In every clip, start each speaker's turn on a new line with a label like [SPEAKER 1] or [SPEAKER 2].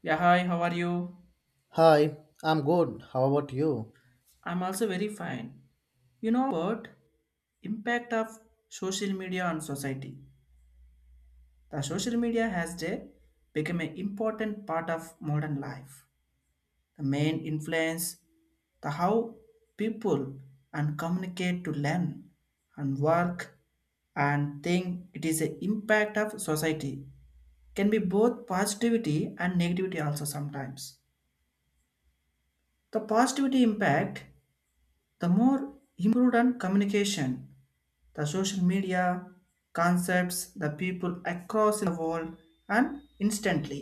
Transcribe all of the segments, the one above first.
[SPEAKER 1] Yeah, hi, how are you?
[SPEAKER 2] Hi, I'm good. How about you?
[SPEAKER 1] I'm also very fine. You know what? Impact of social media on society. The social media has become an important part of modern life. The main influence the how people and communicate to learn and work and think it is an impact of society can be both positivity and negativity also sometimes the positivity impact. The more improved on communication, the social media concepts, the people across the world, and instantly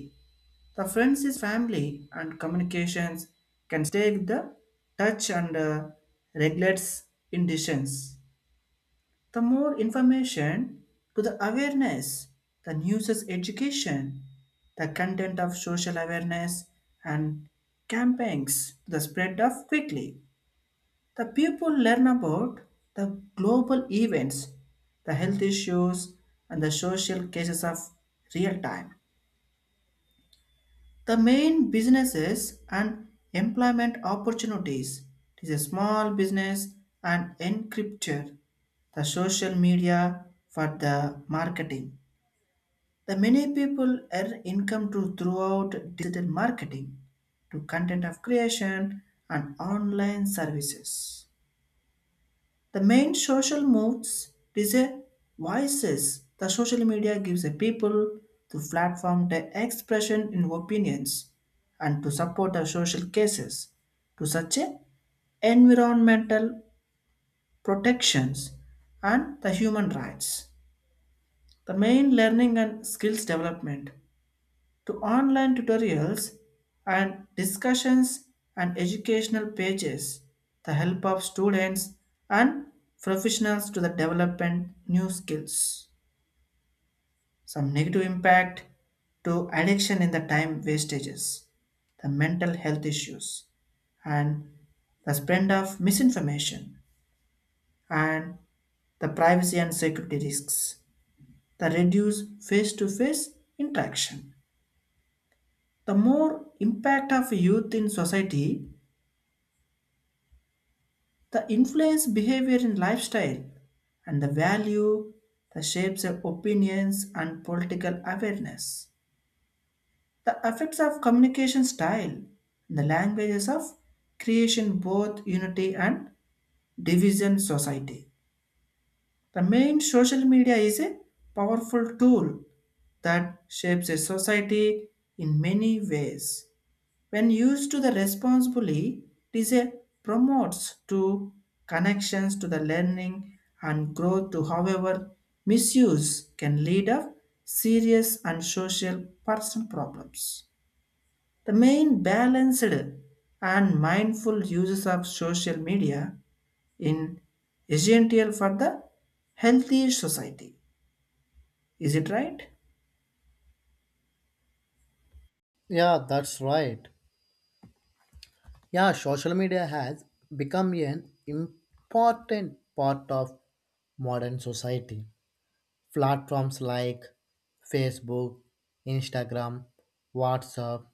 [SPEAKER 1] the friends is family and communications can take the touch and regulates in decisions. The more information to the awareness, the news is education, the content of social awareness and campaigns, the spread of quickly. The people learn about the global events, the health issues, and the social cases of real time. The main businesses and employment opportunities. It is a small business and encrypture. The social media for the marketing. The many people earn income to throughout digital marketing, to content of creation and online services. The main social modes is a voices. The social media gives a people the platform to expression in opinions and to support the social cases to such a environmental protections and the human rights. The main learning and skills development to online tutorials and discussions and educational pages, the help of students and professionals to the development new skills. Some negative impact to addiction in the time wastages, the mental health issues, and the spread of misinformation and the privacy and security risks, the reduced face to face interaction. The more impact of youth in society, the influence behavior and lifestyle and the value that shapes their opinions and political awareness. The effects of communication style and the languages of creation both unity and division society. The main social media is a powerful tool that shapes a society in many ways. When used to the responsibly, it is a promotes to connections to the learning and growth to however misuse can lead up serious and social personal problems. The main balanced and mindful uses of social media in essential for the healthy society. Is it right?
[SPEAKER 2] Yeah, that's right. Yeah, social media has become an important part of modern society. Platforms like Facebook, Instagram, WhatsApp,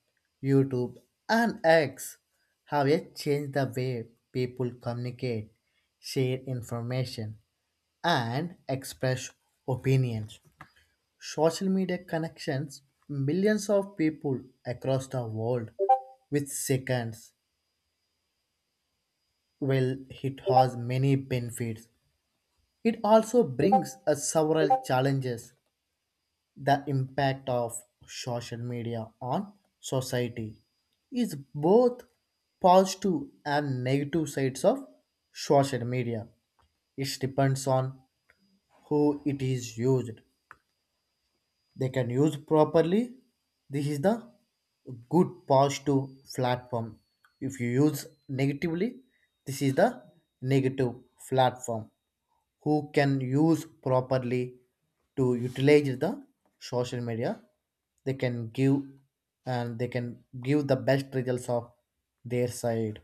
[SPEAKER 2] YouTube, and X have yet changed the way people communicate, share information, and express opinions. Social media connections millions of people across the world with seconds. Well, it has many benefits. It also brings us several challenges. The impact of social media on society is both positive and negative sides of social media. It depends on who it is used. They can use properly, this is the good positive platform. If you use negatively, this is the negative platform. Who can use properly to utilize the social media, they can give, and they can give the best results of their side.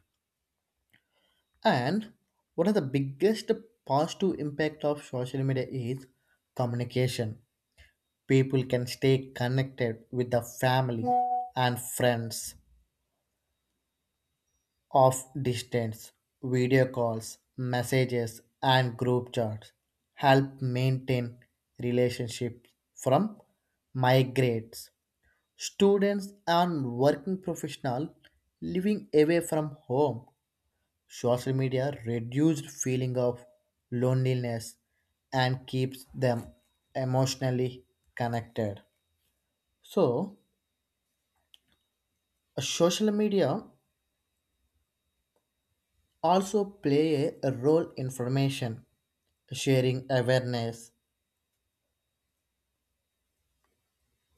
[SPEAKER 2] And one of the biggest positive impact of social media is communication. People can stay connected with the family and friends of distance. Video calls, messages and group chats help maintain relationships from migrates students and working professionals living away from home. Social media reduced feeling of loneliness and keeps them emotionally connected. So social media also play a role in formation, sharing awareness,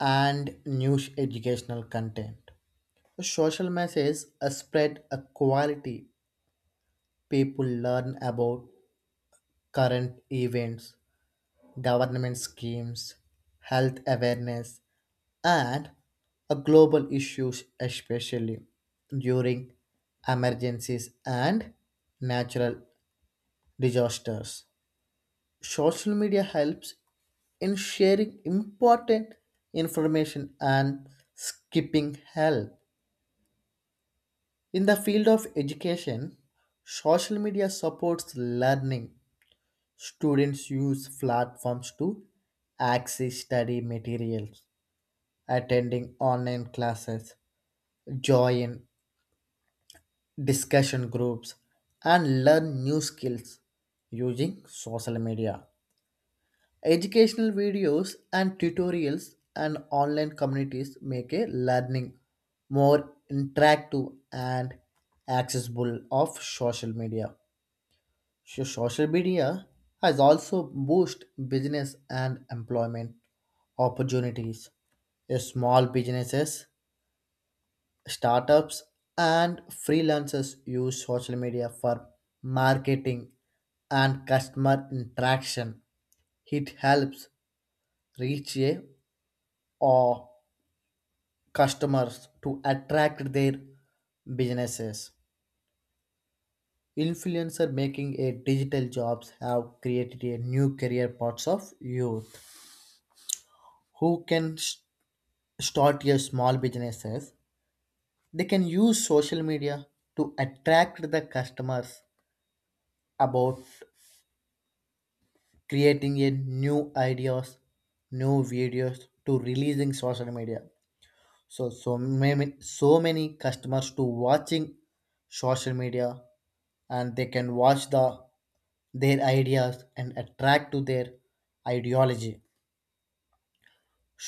[SPEAKER 2] and news educational content. Social messages are spread a quality. People learn about current events, government schemes, health awareness, and global issues, especially during emergencies and natural disasters. Social media helps in sharing important information and skipping help. In the field of education, social media supports learning. Students use platforms to access study materials, attending online classes, join discussion groups, and learn new skills using social media. Educational videos and tutorials and online communities make a learning more interactive and accessible of social media. So social media has also boosted business and employment opportunities. Small businesses, startups, and freelancers use social media for marketing and customer interaction. It helps reach a or customers to attract their businesses. Influencer making a digital jobs have created a new career paths of youth who can s- start a small businesses. They can use social media to attract the customers about creating a new ideas, new videos to releasing social media. So so many customers to watching social media, and they can watch the their ideas and attract to their ideology.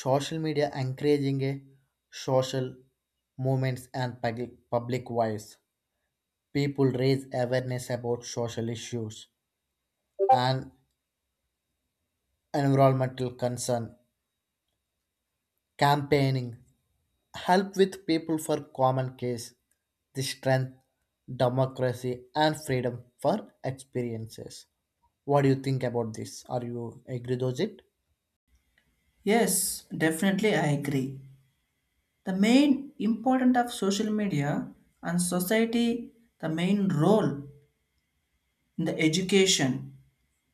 [SPEAKER 2] Social media encouraging a social movements and public voice. People raise awareness about social issues and environmental concern. Campaigning help with people for common case. The strength, democracy, and freedom for experiences. What do you think about this? Are you agree with it?
[SPEAKER 1] Yes, definitely I agree. The main important of social media and society, the main role in the education,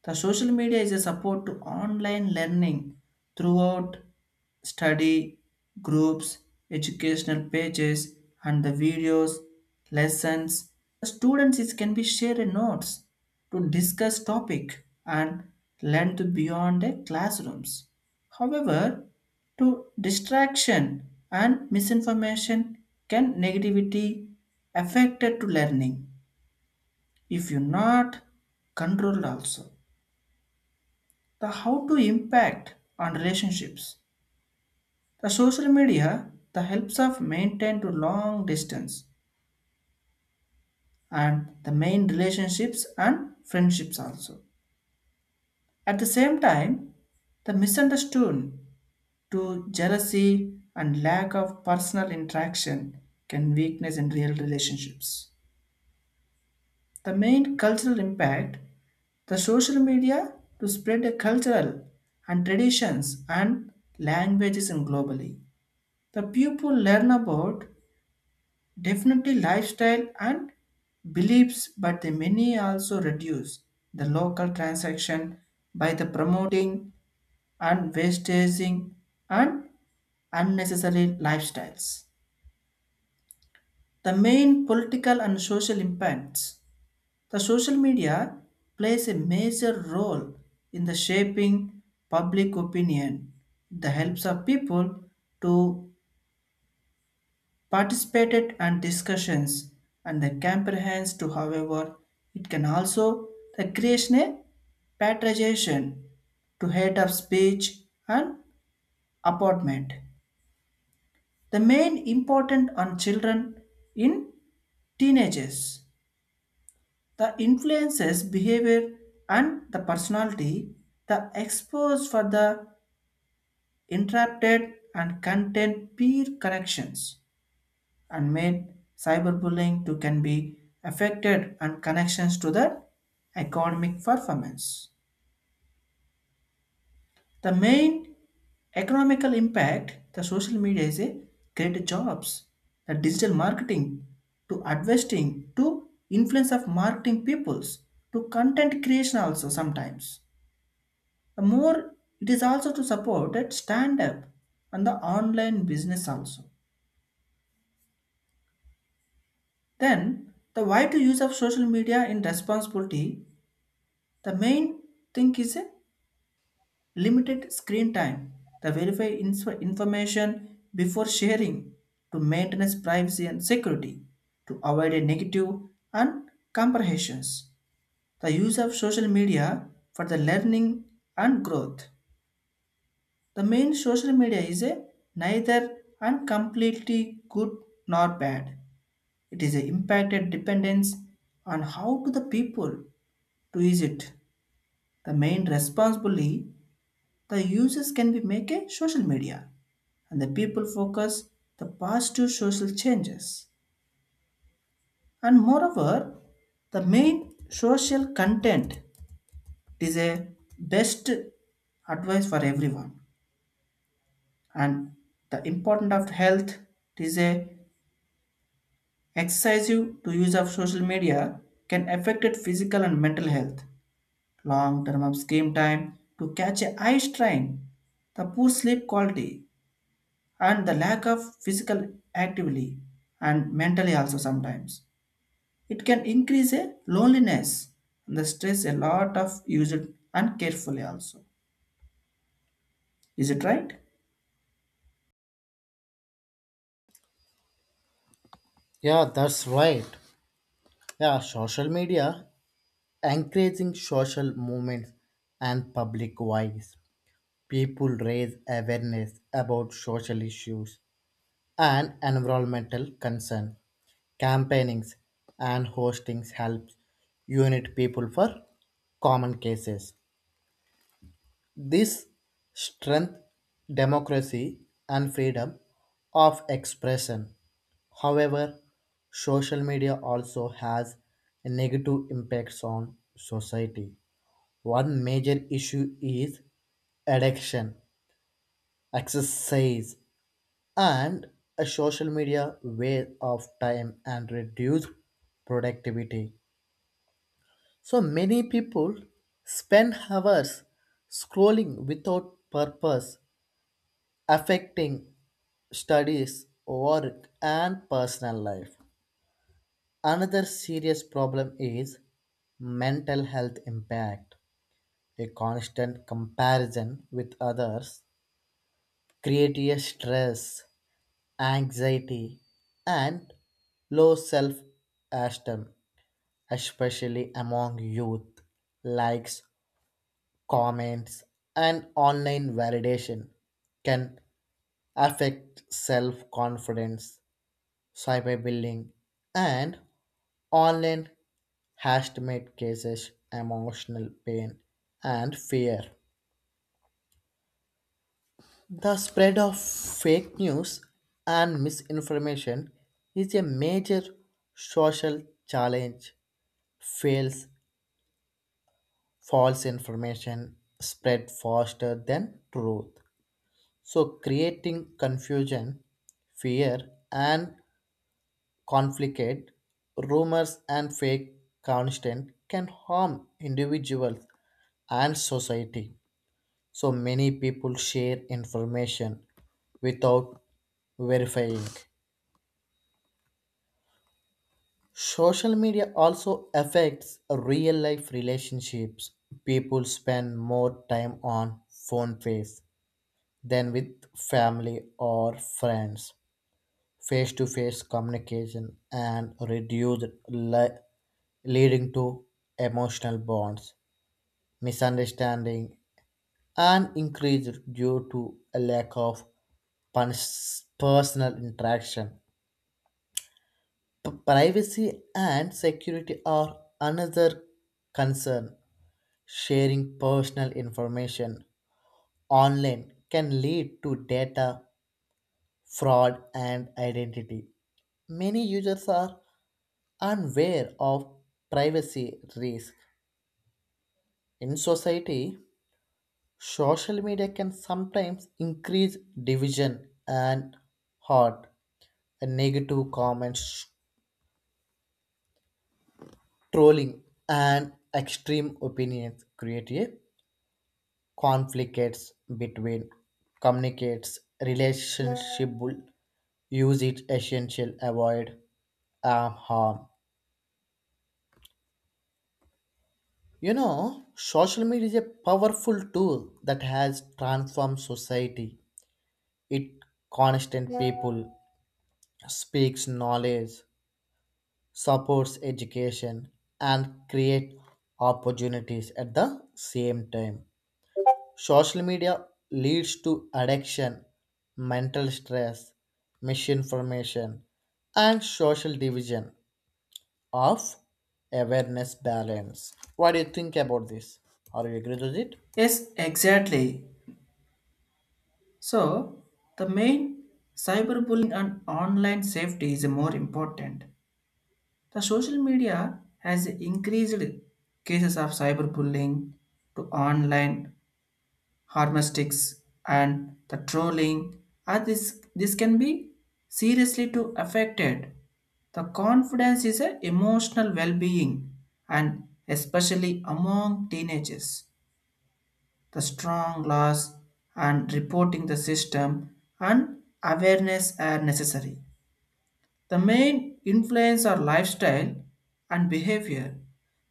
[SPEAKER 1] the social media is a support to online learning throughout study groups, educational pages, and the videos, lessons. The students is can be shared notes to discuss topic and learn to beyond the classrooms. However, to distraction and misinformation can negativity affected to learning if you not controlled also the how to impact on relationships. The social media, the helps of maintain to long distance and the main relationships and friendships also. At the same time, the misunderstood to jealousy and lack of personal interaction can weakness in real relationships. The main cultural impact, the social media to spread a cultural and traditions and languages in globally. The people learn about definitely lifestyle and beliefs, but the many also reduce the local transaction by the promoting and wastaging and unnecessary lifestyles. The main political and social impacts. The social media plays a major role in the shaping public opinion. It helps of people to participated and discussions and the comprehends to however it can also the creation a patronization to hate of speech and apartment the main important on children in teenagers the influences behavior and the personality the expose for the interrupted and content peer connections and main cyberbullying too can be affected and connections to the economic performance. The main economical impact the social media is a great jobs, the digital marketing to investing to influence of marketing peoples to content creation also sometimes. The more it is also to support that stand up and the online business also. Then the why to use of social media in responsibility, the main thing is a limited screen time. The verify information before sharing to maintain privacy and security, to avoid a negative and comprehensions. The use of social media for the learning and growth. The main social media is a neither and completely good nor bad. It is a impacted dependence on how to the people to use it. The main responsibly, the uses can be make a social media and the people focus the positive social changes. And moreover, the main social content is a best advice for everyone. And the important of health is a excessive to use of social media can affect it physical and mental health, long term of screen time to catch a eye strain, the poor sleep quality and the lack of physical activity. And mentally also sometimes it can increase a loneliness and the stress a lot of use it uncarefully also. Is it right?
[SPEAKER 2] Yeah, that's right. Yeah, social media encouraging social movements and public voice. People raise awareness about social issues and environmental concern. Campaignings and hostings helps unite people for common cases. This strength, democracy and freedom of expression. However, social media also has negative impacts on society. One major issue is addiction, exercise, and a social media waste of time and reduce productivity. So many people spend hours scrolling without purpose, affecting studies, work, and personal life. Another serious problem is mental health impact. A constant comparison with others creates a stress, anxiety, and low self esteem, especially among youth. Likes, comments, and online validation can affect self confidence, cyberbullying, and online harassment cases emotional pain and fear. The spread of fake news and misinformation is a major social challenge. Fails false information spread faster than truth. So creating confusion, fear and conflict, rumors, and fake content can harm individuals and society. So many people share information without verifying. Social media also affects real life relationships. People spend more time on phone face than with family or friends. Face to face communication and reduced li- leading to emotional bonds, misunderstanding, and increased due to a lack of personal interaction. Privacy and security are another concern. Sharing personal information online can lead to data fraud and identity. Many users are unaware of privacy risk in society. Social media can sometimes increase division and hurt and negative comments, trolling and extreme opinions create a conflicts between communicates relationship use it essential avoid harm. You know, social media is a powerful tool that has transformed society. It constant people, speaks knowledge, supports education, and create opportunities at the same time. Social media leads to addiction, mental stress, misinformation, and social division of awareness balance. What do you think about this? Are you agree with it?
[SPEAKER 1] Yes, exactly. So the main cyberbullying and online safety is more important. The social media has increased cases of cyberbullying to online harmastics and the trolling, and this can be seriously to affected the confidence is an emotional well-being, and especially among teenagers the strong laws and reporting the system and awareness are necessary. The main influence are lifestyle and behavior.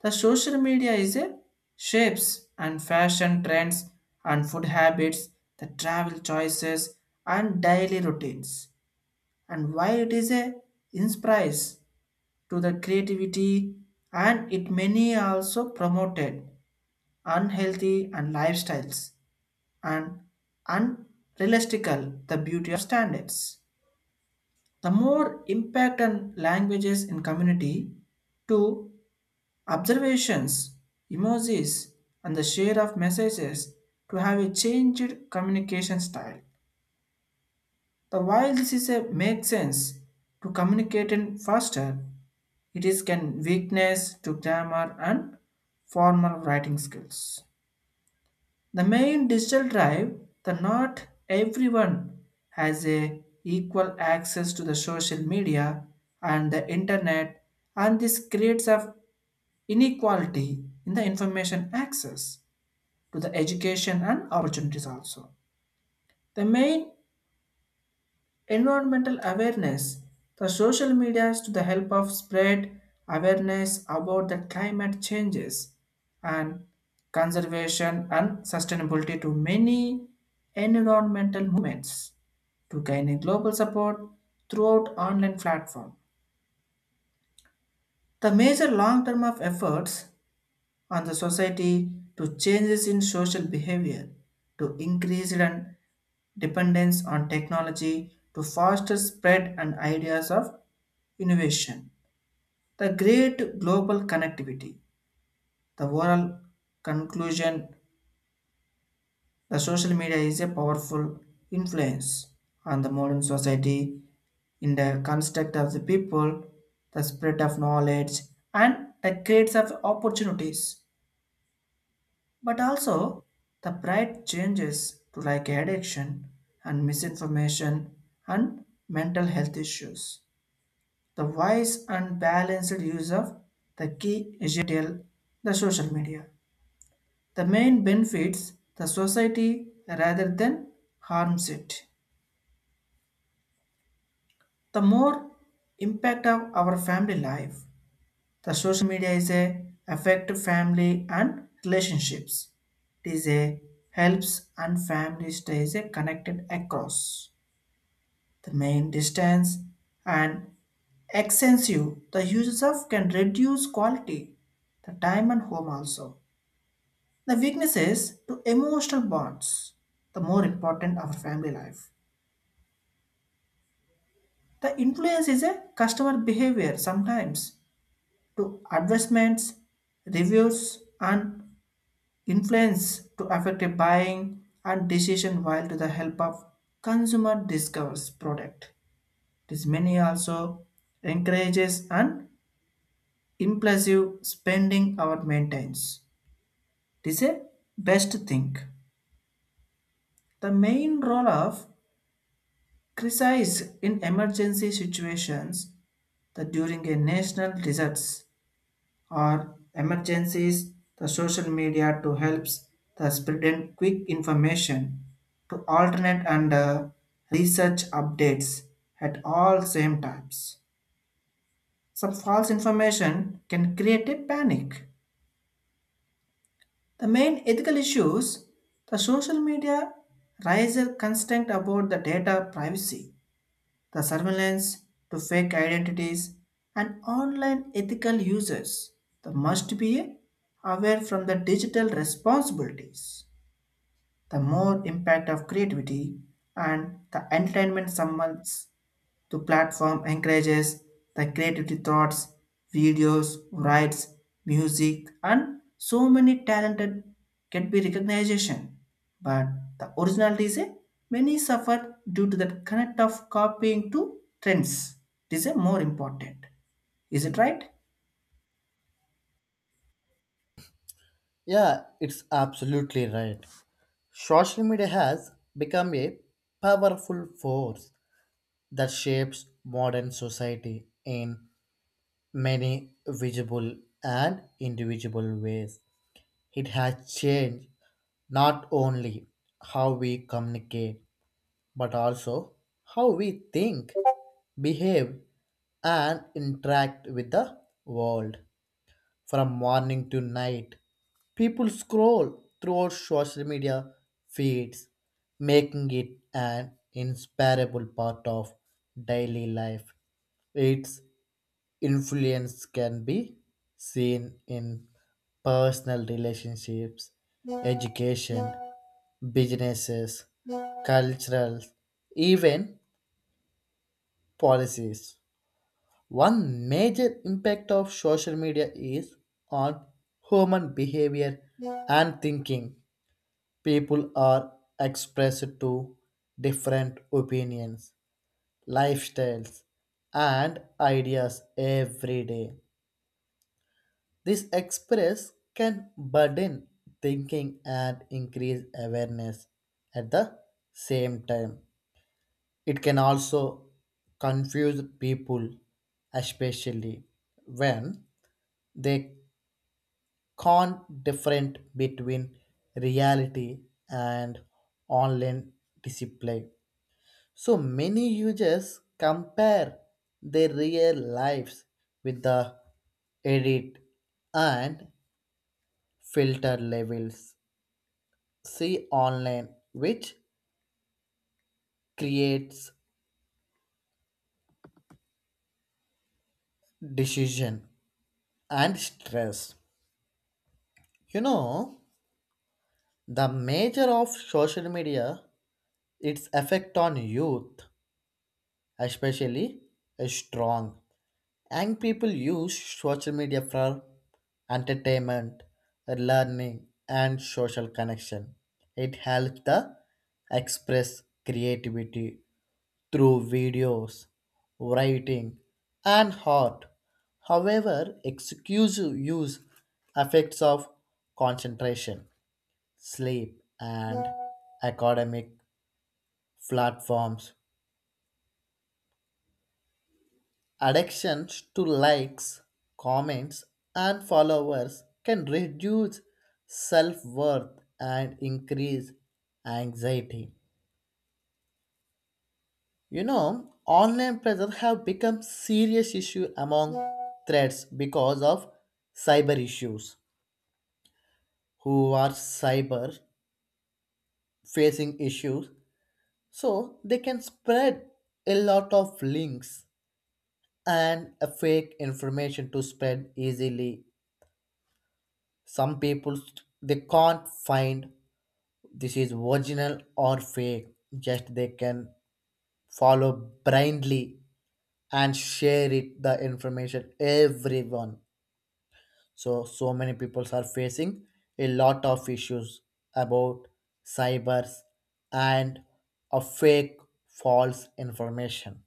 [SPEAKER 1] The social media is a shapes and fashion trends and food habits, the travel choices and daily routines. And while it is a inspires to the creativity, and it many also promoted unhealthy and lifestyles and unrealistical the beauty of standards. The more impact on languages in community to observations, emojis, and the share of messages to have a changed communication style. The while this is a make sense to communicate in faster, it is can weakness to grammar and formal writing skills. The main digital drive, that not everyone has a equal access to the social media and the internet, and this creates of inequality in the information access to the education and opportunities also. The main environmental awareness, the social media is to the help of spread awareness about the climate changes and conservation and sustainability to many environmental movements to gain a global support throughout online platform, the major long term of efforts on the society to changes in social behavior, to increased and dependence on technology, to foster spread and ideas of innovation. The great global connectivity, the overall conclusion, the social media is a powerful influence on the modern society in the construct of the people, the spread of knowledge, and the creates of opportunities. But also, the pride changes to like addiction and misinformation and mental health issues. The wise and balanced use of the key digital, the social media. The main benefits the society rather than harms it. The more impact of our family life, the social media is a affect family and relationships. It is a helps and family stays a connected across the main distance and extensive. The uses of can reduce quality, the time and home also. The weaknesses to emotional bonds, the more important our family life. The influence is a customer behavior sometimes to advertisements, reviews, and influence to affect a buying and decision while to the help of consumer discovers product. This many also encourages and impulsive spending our maintains. This is a best thing. The main role of crisis in emergency situations that during a national disasters or emergencies, the social media to helps the spreading quick information to alternate and research updates at all same times. Some false information can create a panic. The main ethical issues, the social media raises constant about the data privacy, the surveillance to fake identities and online ethical users, the must be aware from the digital responsibilities. The more impact of creativity and the entertainment summons. The platform encourages the creativity thoughts, videos, writes, music, and so many talented can be recognition. But the originality is a many suffer due to that connect of copying to trends. It is a more important. Is it right?
[SPEAKER 2] Yeah, it's absolutely right. Social media has become a powerful force that shapes modern society in many visible and indivisible ways. It has changed not only how we communicate, but also how we think, behave, and interact with the world. From morning to night, people scroll through our social media feeds, making it an inseparable part of daily life. Its influence can be seen in personal relationships, education, businesses, cultural, even policies. One major impact of social media is on human behavior and thinking. People are expressed to different opinions, lifestyles, and ideas every day. This express can burden thinking and increase awareness at the same time. It can also confuse people, especially when they can't different between reality and online display. So many users compare their real lives with the edit and filter levels see online, which creates decision and stress. You know, the major of social media, its effect on youth especially is strong. Young people use social media for entertainment, learning, and social connection. It helps the express creativity through videos, writing, and art. However, exclusive use affects of concentration, sleep, and academic platforms. Addiction to likes, comments, and followers can reduce self worth and increase anxiety. You know, online pressure have become serious issue among threats because of cyber issues. Who are cyber facing issues, so they can spread a lot of links and a fake information to spread easily. Some people, they can't find this is original or fake, just they can follow blindly and share it the information everyone. So so many people are facing a lot of issues about cybers and a fake false information.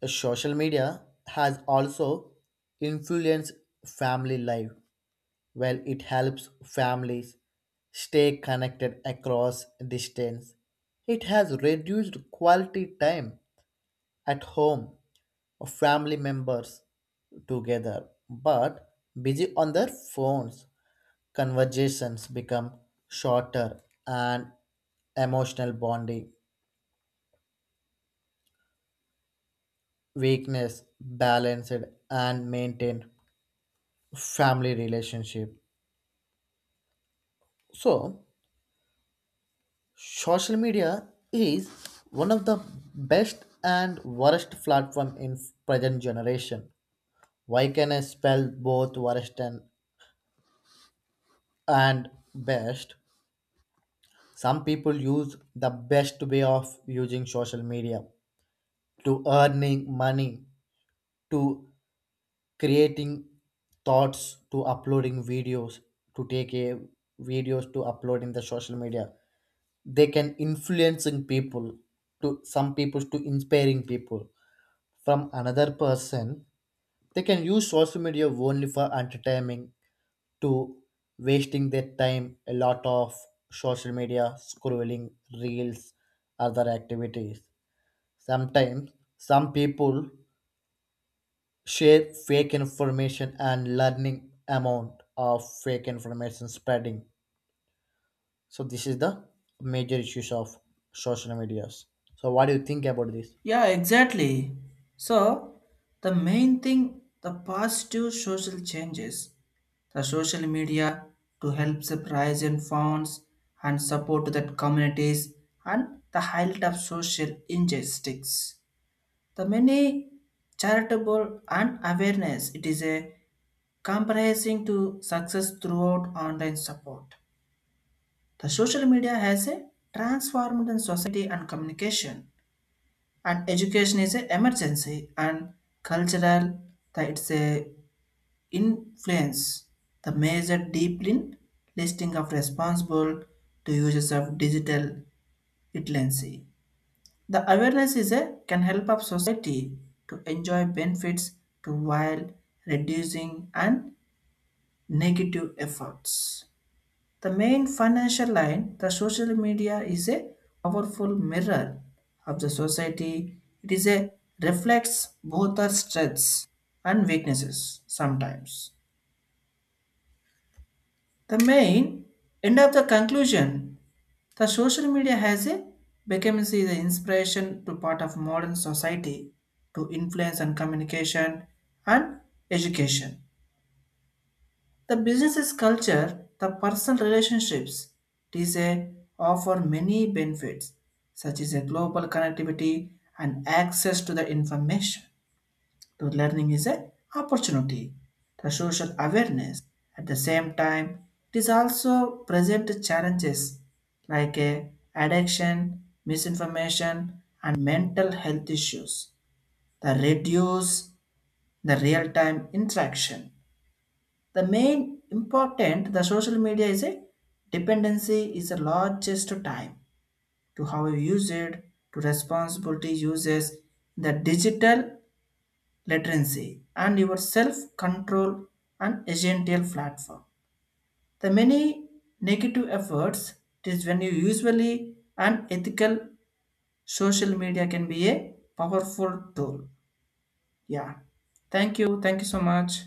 [SPEAKER 2] The social media has also influenced family life. Well, it helps families stay connected across distance. It has reduced quality time at home of family members together, but busy on their phones, conversations become shorter and emotional bonding, weakness balanced and maintained family relationship. So social media is one of the best and worst platform in present generation. Why can I spell both worst and best? Some people use the best way of using social media to earning money, to creating thoughts, to uploading videos, to take a videos to upload in the social media. They can influencing people to some people to inspiring people from another person, they can use social media only for entertainment to wasting their time a lot of social media scrolling reels other activities sometimes some people share fake information and learning amount of fake information spreading. So this is the major issues of social medias. So what do you think about this?
[SPEAKER 1] Yeah, exactly. So, the main thing the positive social changes, the social media to help surprise and funds and support that communities and the highlight of social injustice. The many charitable and awareness it is a comprising to success throughout online support. The social media has a transformed in society and communication and education is a emergency and cultural that it's a influence the major deep in listing of responsible to users of digital literacy. The awareness is a can help of society to enjoy benefits to while reducing and negative efforts. The main financial line, the social media is a powerful mirror of the society. It is a reflects both our strengths and weaknesses sometimes. The main end of the conclusion, the social media has a become is the inspiration to part of modern society to influence and communication and education. The business's culture, the personal relationships, it is a offer many benefits, such as a global connectivity and access to the information. The learning is a opportunity, the social awareness. At the same time, it is also present challenges like a addiction, misinformation, and mental health issues. The reduce the real-time interaction, the main important the social media is a dependency is the largest time to how you use it to responsibility uses the digital literacy and your self control and agential platform the many negative efforts it is when you usually an ethical social media can be a powerful tool. Yeah, thank you so much.